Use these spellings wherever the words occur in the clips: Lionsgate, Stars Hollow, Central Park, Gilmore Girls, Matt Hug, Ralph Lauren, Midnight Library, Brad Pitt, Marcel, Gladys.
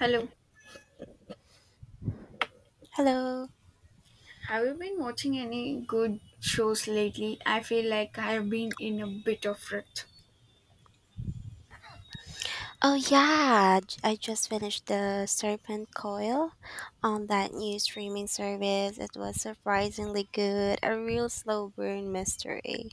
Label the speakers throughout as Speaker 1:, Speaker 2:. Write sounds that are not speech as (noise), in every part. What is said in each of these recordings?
Speaker 1: Hello.
Speaker 2: Hello.
Speaker 1: Have you been watching any good shows lately? I feel like I have been in a bit of rut.
Speaker 2: Oh yeah, I just finished the Serpent Coil on that new streaming service. It was surprisingly good, a real slow burn mystery.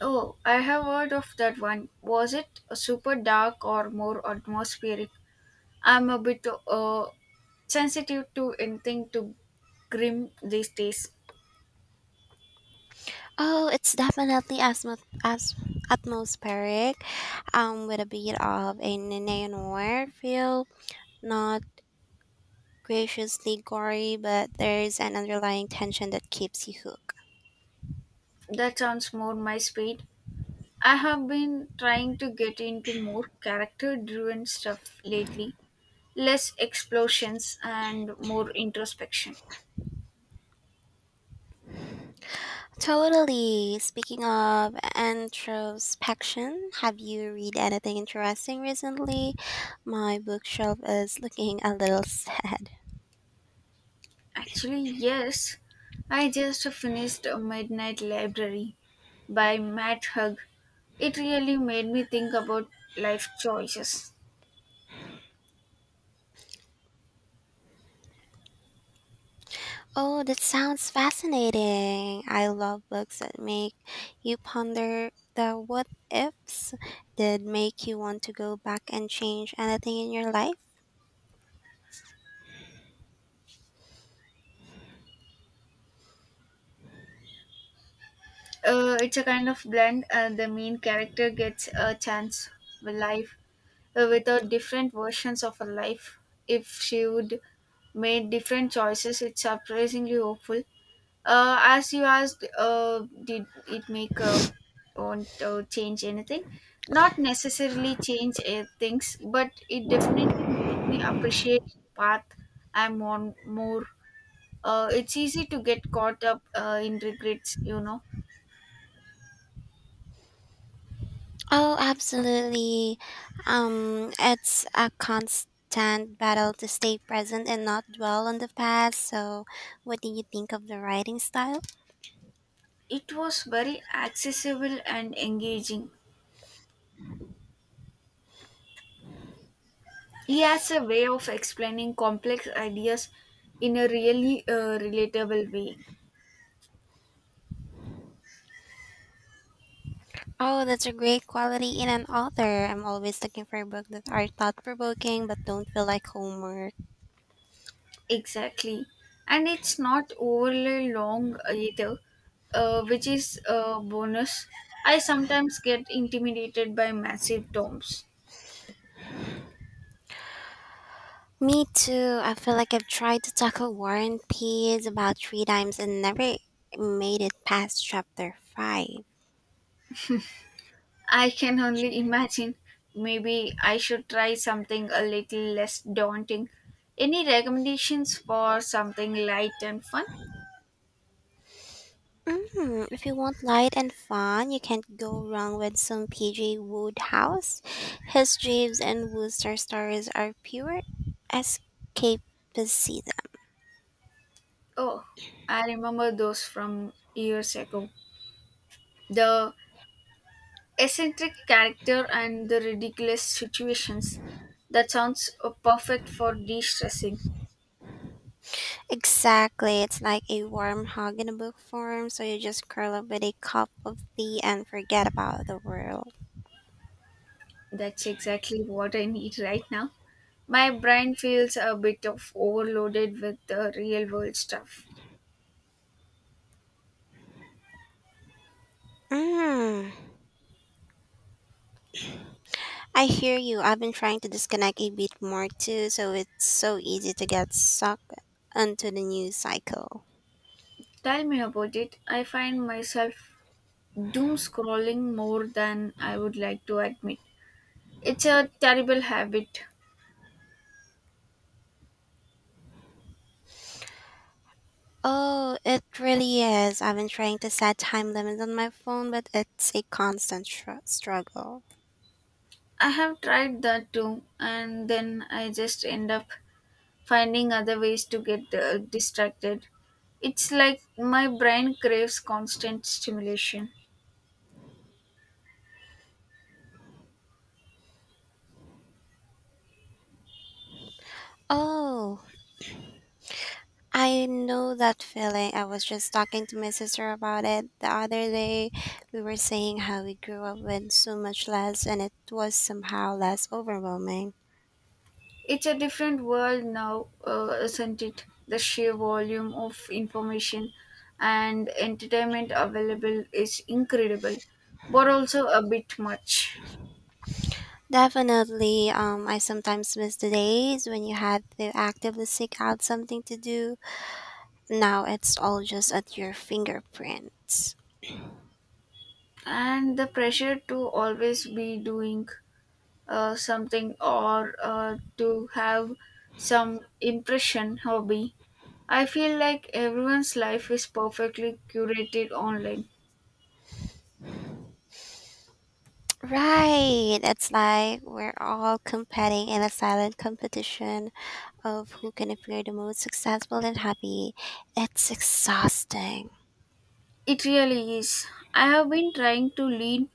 Speaker 1: Oh, I have heard of that one. Was it super dark or more atmospheric? I'm a bit sensitive to anything too grim these days.
Speaker 2: Oh, it's definitely as- atmospheric, with a bit of a neo-noir feel. Not graciously gory, but there's an underlying tension that keeps you hooked.
Speaker 1: That sounds more my speed. I have been trying to get into more character driven stuff lately, less explosions and more introspection.
Speaker 2: Totally. Speaking of introspection, have you read anything interesting recently? My bookshelf is looking a little (laughs) sad.
Speaker 1: Actually, yes. I just finished Midnight Library by Matt Hug. It really made me think about life choices.
Speaker 2: Oh, that sounds fascinating. I love books that make you ponder the what ifs, that make you want to go back and change anything in your life.
Speaker 1: It's a kind of blend, and the main character gets a chance with life without different versions of her life. If she would made different choices, it's surprisingly hopeful. As you asked, did it make on change anything? Not necessarily change things, but it definitely made me appreciate the path I'm on more. It's easy to get caught up in regrets, you know.
Speaker 2: Oh, absolutely. It's a constant battle to stay present and not dwell on the past. So, what do you think of the writing style?
Speaker 1: It was very accessible and engaging. He has a way of explaining complex ideas in a really relatable way.
Speaker 2: Oh, that's a great quality in an author. I'm always looking for books that are thought provoking but don't feel like homework.
Speaker 1: Exactly. And it's not overly long either, which is a bonus. I sometimes get intimidated by massive tomes.
Speaker 2: Me too. I feel like I've tried to tackle War and Peace about three times and never made it past chapter five.
Speaker 1: I can only (laughs) imagine. Maybe I should try something a little less daunting. Any recommendations for something light and fun?
Speaker 2: If you want light and fun, you can't go wrong with some PJ Woodhouse. His Jeeves and Wooster stories are pure escapism.
Speaker 1: Oh, I remember those from years ago. The eccentric character and the ridiculous situations. That sounds perfect for de stressing.
Speaker 2: Exactly, it's like a warm hug in a book form, so you just curl up with a cup of tea and forget about the world.
Speaker 1: That's exactly what I need right now. My brain feels a bit of overloaded with the real world stuff.
Speaker 2: Mm, I hear you. I've been trying to disconnect a bit more too, so it's so easy to get sucked into the news cycle.
Speaker 1: Tell me about it. I find myself doom scrolling more than I would like to admit. It's a terrible habit.
Speaker 2: Oh, it really is. I've been trying to set time limits on my phone, but it's a constant struggle.
Speaker 1: I have tried that too, and then I just end up finding other ways to get distracted. It's like my brain craves constant stimulation.
Speaker 2: Oh, I know that feeling. I was just talking to my sister about it the other day. We were saying how we grew up with so much less, and it was somehow less overwhelming.
Speaker 1: It's a different world now, isn't it? The sheer volume of information and entertainment available is incredible, but also a bit much.
Speaker 2: Definitely, I sometimes miss the days when you had to actively seek out something to do. Now it's all just at your fingerprints.
Speaker 1: And the pressure to always be doing something or to have some impression hobby. I feel like everyone's life is perfectly curated online.
Speaker 2: Right. It's like we're all competing in a silent competition of who can appear the most successful and happy. It's exhausting.
Speaker 1: It really is. I have been trying to lean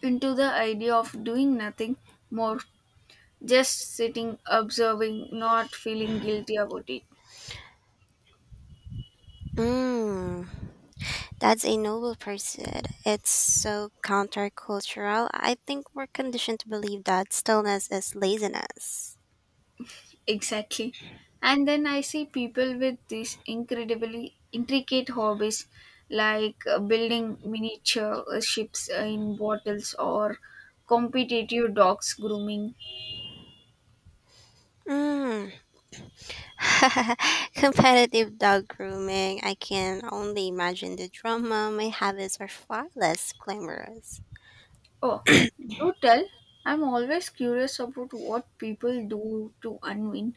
Speaker 1: into the idea of doing nothing more, just sitting, observing, not feeling guilty about it.
Speaker 2: Mm, that's a noble pursuit. It's so countercultural. I think we're conditioned to believe that stillness is laziness.
Speaker 1: Exactly. And then I see people with these incredibly intricate hobbies like building miniature ships in bottles or competitive dogs grooming.
Speaker 2: Mm. (laughs) Competitive dog grooming. I can only imagine the drama. My habits are far less glamorous.
Speaker 1: Oh, do tell. I'm always curious about what people do to unwind.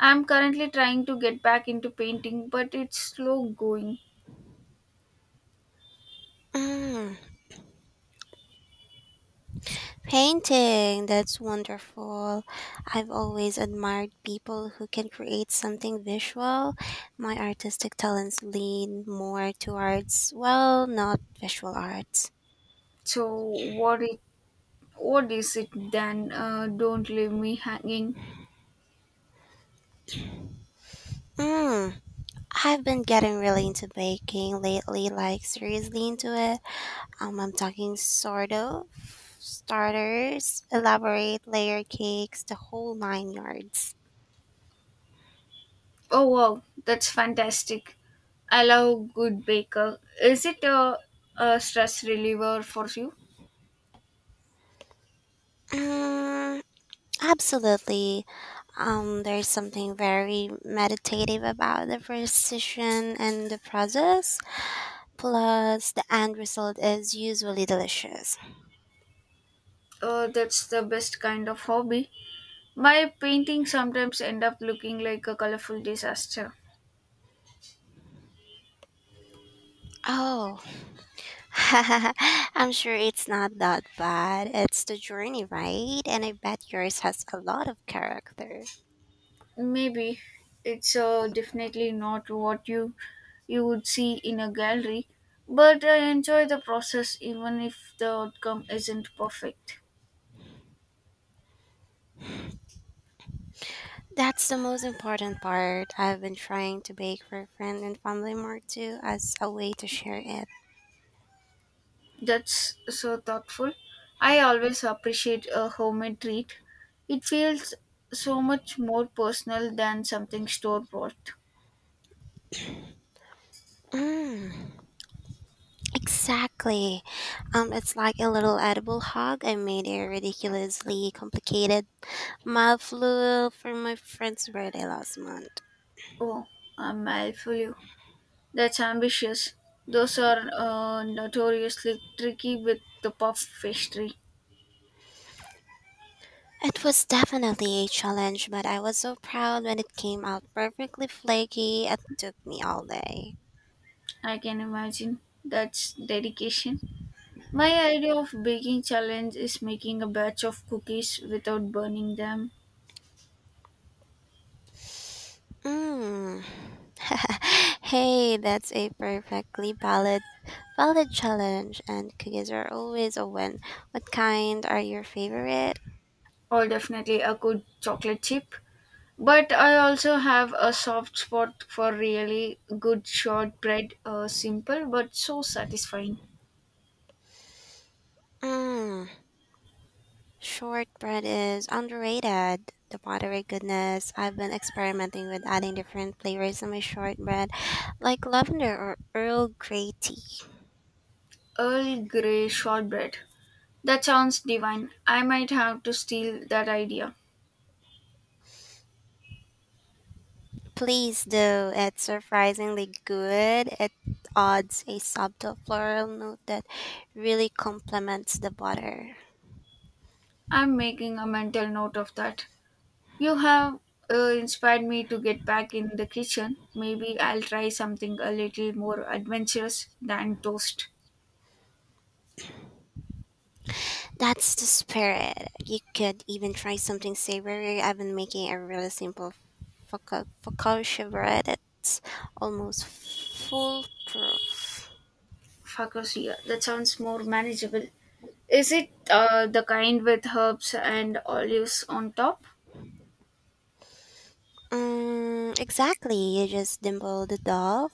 Speaker 1: I'm currently trying to get back into painting, but it's slow going.
Speaker 2: Mm. Painting, that's wonderful. I've always admired people who can create something visual. My artistic talents lean more towards, well, not visual arts.
Speaker 1: So what is it then? Don't leave me hanging.
Speaker 2: Mm, I've been getting really into baking lately, like seriously into it. I'm talking sort of starters, elaborate layer cakes, the whole nine yards.
Speaker 1: Oh wow, that's fantastic. I love good baker. Is it a stress reliever for you?
Speaker 2: Mm, absolutely. There's something very meditative about the precision and the process. Plus, the end result is usually delicious.
Speaker 1: That's the best kind of hobby. My paintings sometimes end up looking like a colorful disaster.
Speaker 2: Oh, (laughs) I'm sure it's not that bad. It's the journey, right? And I bet yours has a lot of character.
Speaker 1: Maybe it's definitely not what you would see in a gallery, but I enjoy the process even if the outcome isn't perfect.
Speaker 2: That's the most important part. I've been trying to bake for friends and family more too as a way to share it.
Speaker 1: That's so thoughtful. I always appreciate a homemade treat. It feels so much more personal than something store bought.
Speaker 2: Mm. Exactly. It's like a little edible hug. I made a ridiculously complicated mouthful for my friend's birthday last month.
Speaker 1: Oh, I'm mad for you. That's ambitious. Those are notoriously tricky with the puff pastry.
Speaker 2: It was definitely a challenge, but I was so proud when it came out perfectly flaky. It took me all day.
Speaker 1: I can imagine. That's dedication. My idea of baking challenge is making a batch of cookies without burning them,
Speaker 2: Mm. (laughs) Hey, that's a perfectly valid challenge and cookies are always a win. What kind are your favorite?
Speaker 1: or definitely a good chocolate chip. But I also have a soft spot for really good shortbread, simple but so satisfying.
Speaker 2: Mm. Shortbread is underrated. The buttery goodness. I've been experimenting with adding different flavors to my shortbread, like lavender or Earl Grey tea.
Speaker 1: Earl Grey shortbread. That sounds divine. I might have to steal that idea.
Speaker 2: Please do. It's surprisingly good. It adds a subtle floral note that really complements the butter.
Speaker 1: I'm making a mental note of that. You have inspired me to get back in the kitchen. Maybe I'll try something a little more adventurous than toast.
Speaker 2: That's the spirit. You could even try something savory. I've been making a really simple focaccia bread. It's almost foolproof.
Speaker 1: Focaccia. That sounds more manageable. Is it the kind with herbs and olives on top?
Speaker 2: Exactly. You just dimple the dough,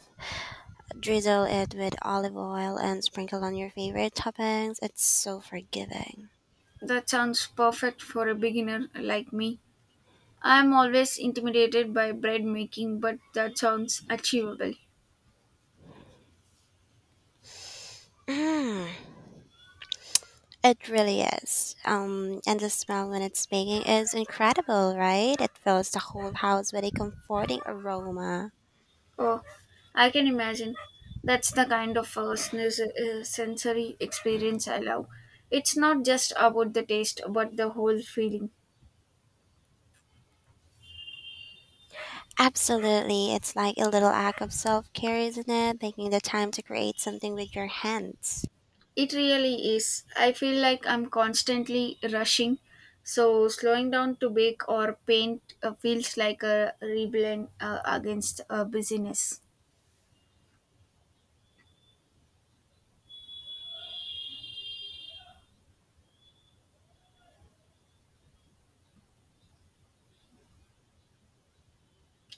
Speaker 2: drizzle it with olive oil, and sprinkle on your favorite toppings. It's so forgiving.
Speaker 1: That sounds perfect for a beginner like me. I'm always intimidated by bread making, but that sounds achievable.
Speaker 2: Mm, it really is. And the smell when it's baking is incredible, right? It fills the whole house with a comforting aroma.
Speaker 1: Oh, I can imagine. That's the kind of sensory experience I love. It's not just about the taste, but the whole feeling.
Speaker 2: Absolutely. It's like a little act of self care, isn't it? Taking the time to create something with your hands.
Speaker 1: It really is. I feel like I'm constantly rushing, so slowing down to bake or paint feels like a rebellion against busyness.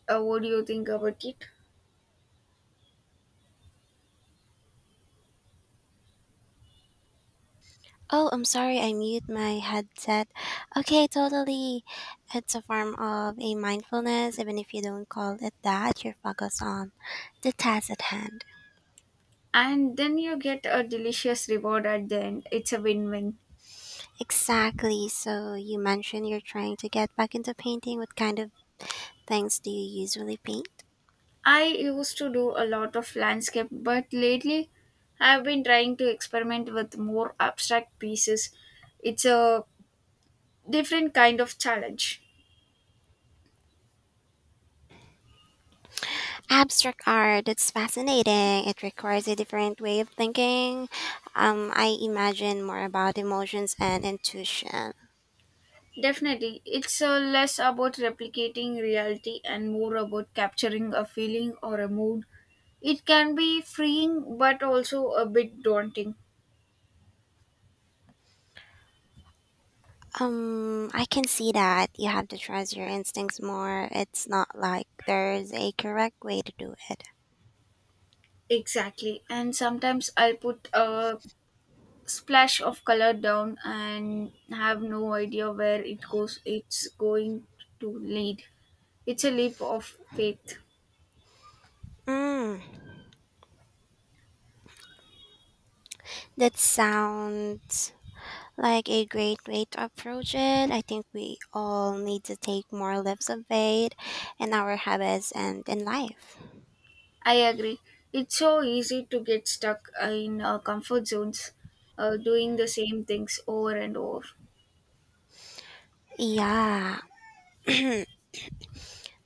Speaker 1: What do you think about it?
Speaker 2: Oh, I'm sorry, I mute my headset. Okay, totally. It's a form of a mindfulness, even if you don't call it that, you're focused on the task at hand.
Speaker 1: And then you get a delicious reward at the end. It's a win win.
Speaker 2: Exactly. So you mentioned you're trying to get back into painting. What kind of things do you usually paint?
Speaker 1: I used to do a lot of landscape, but lately I've been trying to experiment with more abstract pieces. It's a different kind of challenge.
Speaker 2: Abstract art, that's fascinating. It requires a different way of thinking. I imagine more about emotions and intuition.
Speaker 1: Definitely, it's less about replicating reality and more about capturing a feeling or a mood. It can be freeing but also a bit daunting.
Speaker 2: I can see that you have to trust your instincts more. It's not like there's a correct way to do it.
Speaker 1: Exactly, and sometimes I'll put a splash of color down and have no idea where it goes. It's going to lead. It's a leap of faith.
Speaker 2: Mm, that sounds like a great way to approach it. I think we all need to take more lifts of faith in our habits and in life.
Speaker 1: I agree. It's so easy to get stuck in comfort zones, doing the same things over and over.
Speaker 2: Yeah. (clears throat) And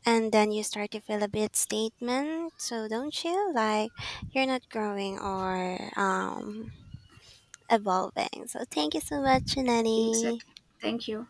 Speaker 2: then you start to feel a bit statement, so don't you? Like you're not growing or evolving. So thank you so much, Nanny.
Speaker 1: Exactly. Thank you.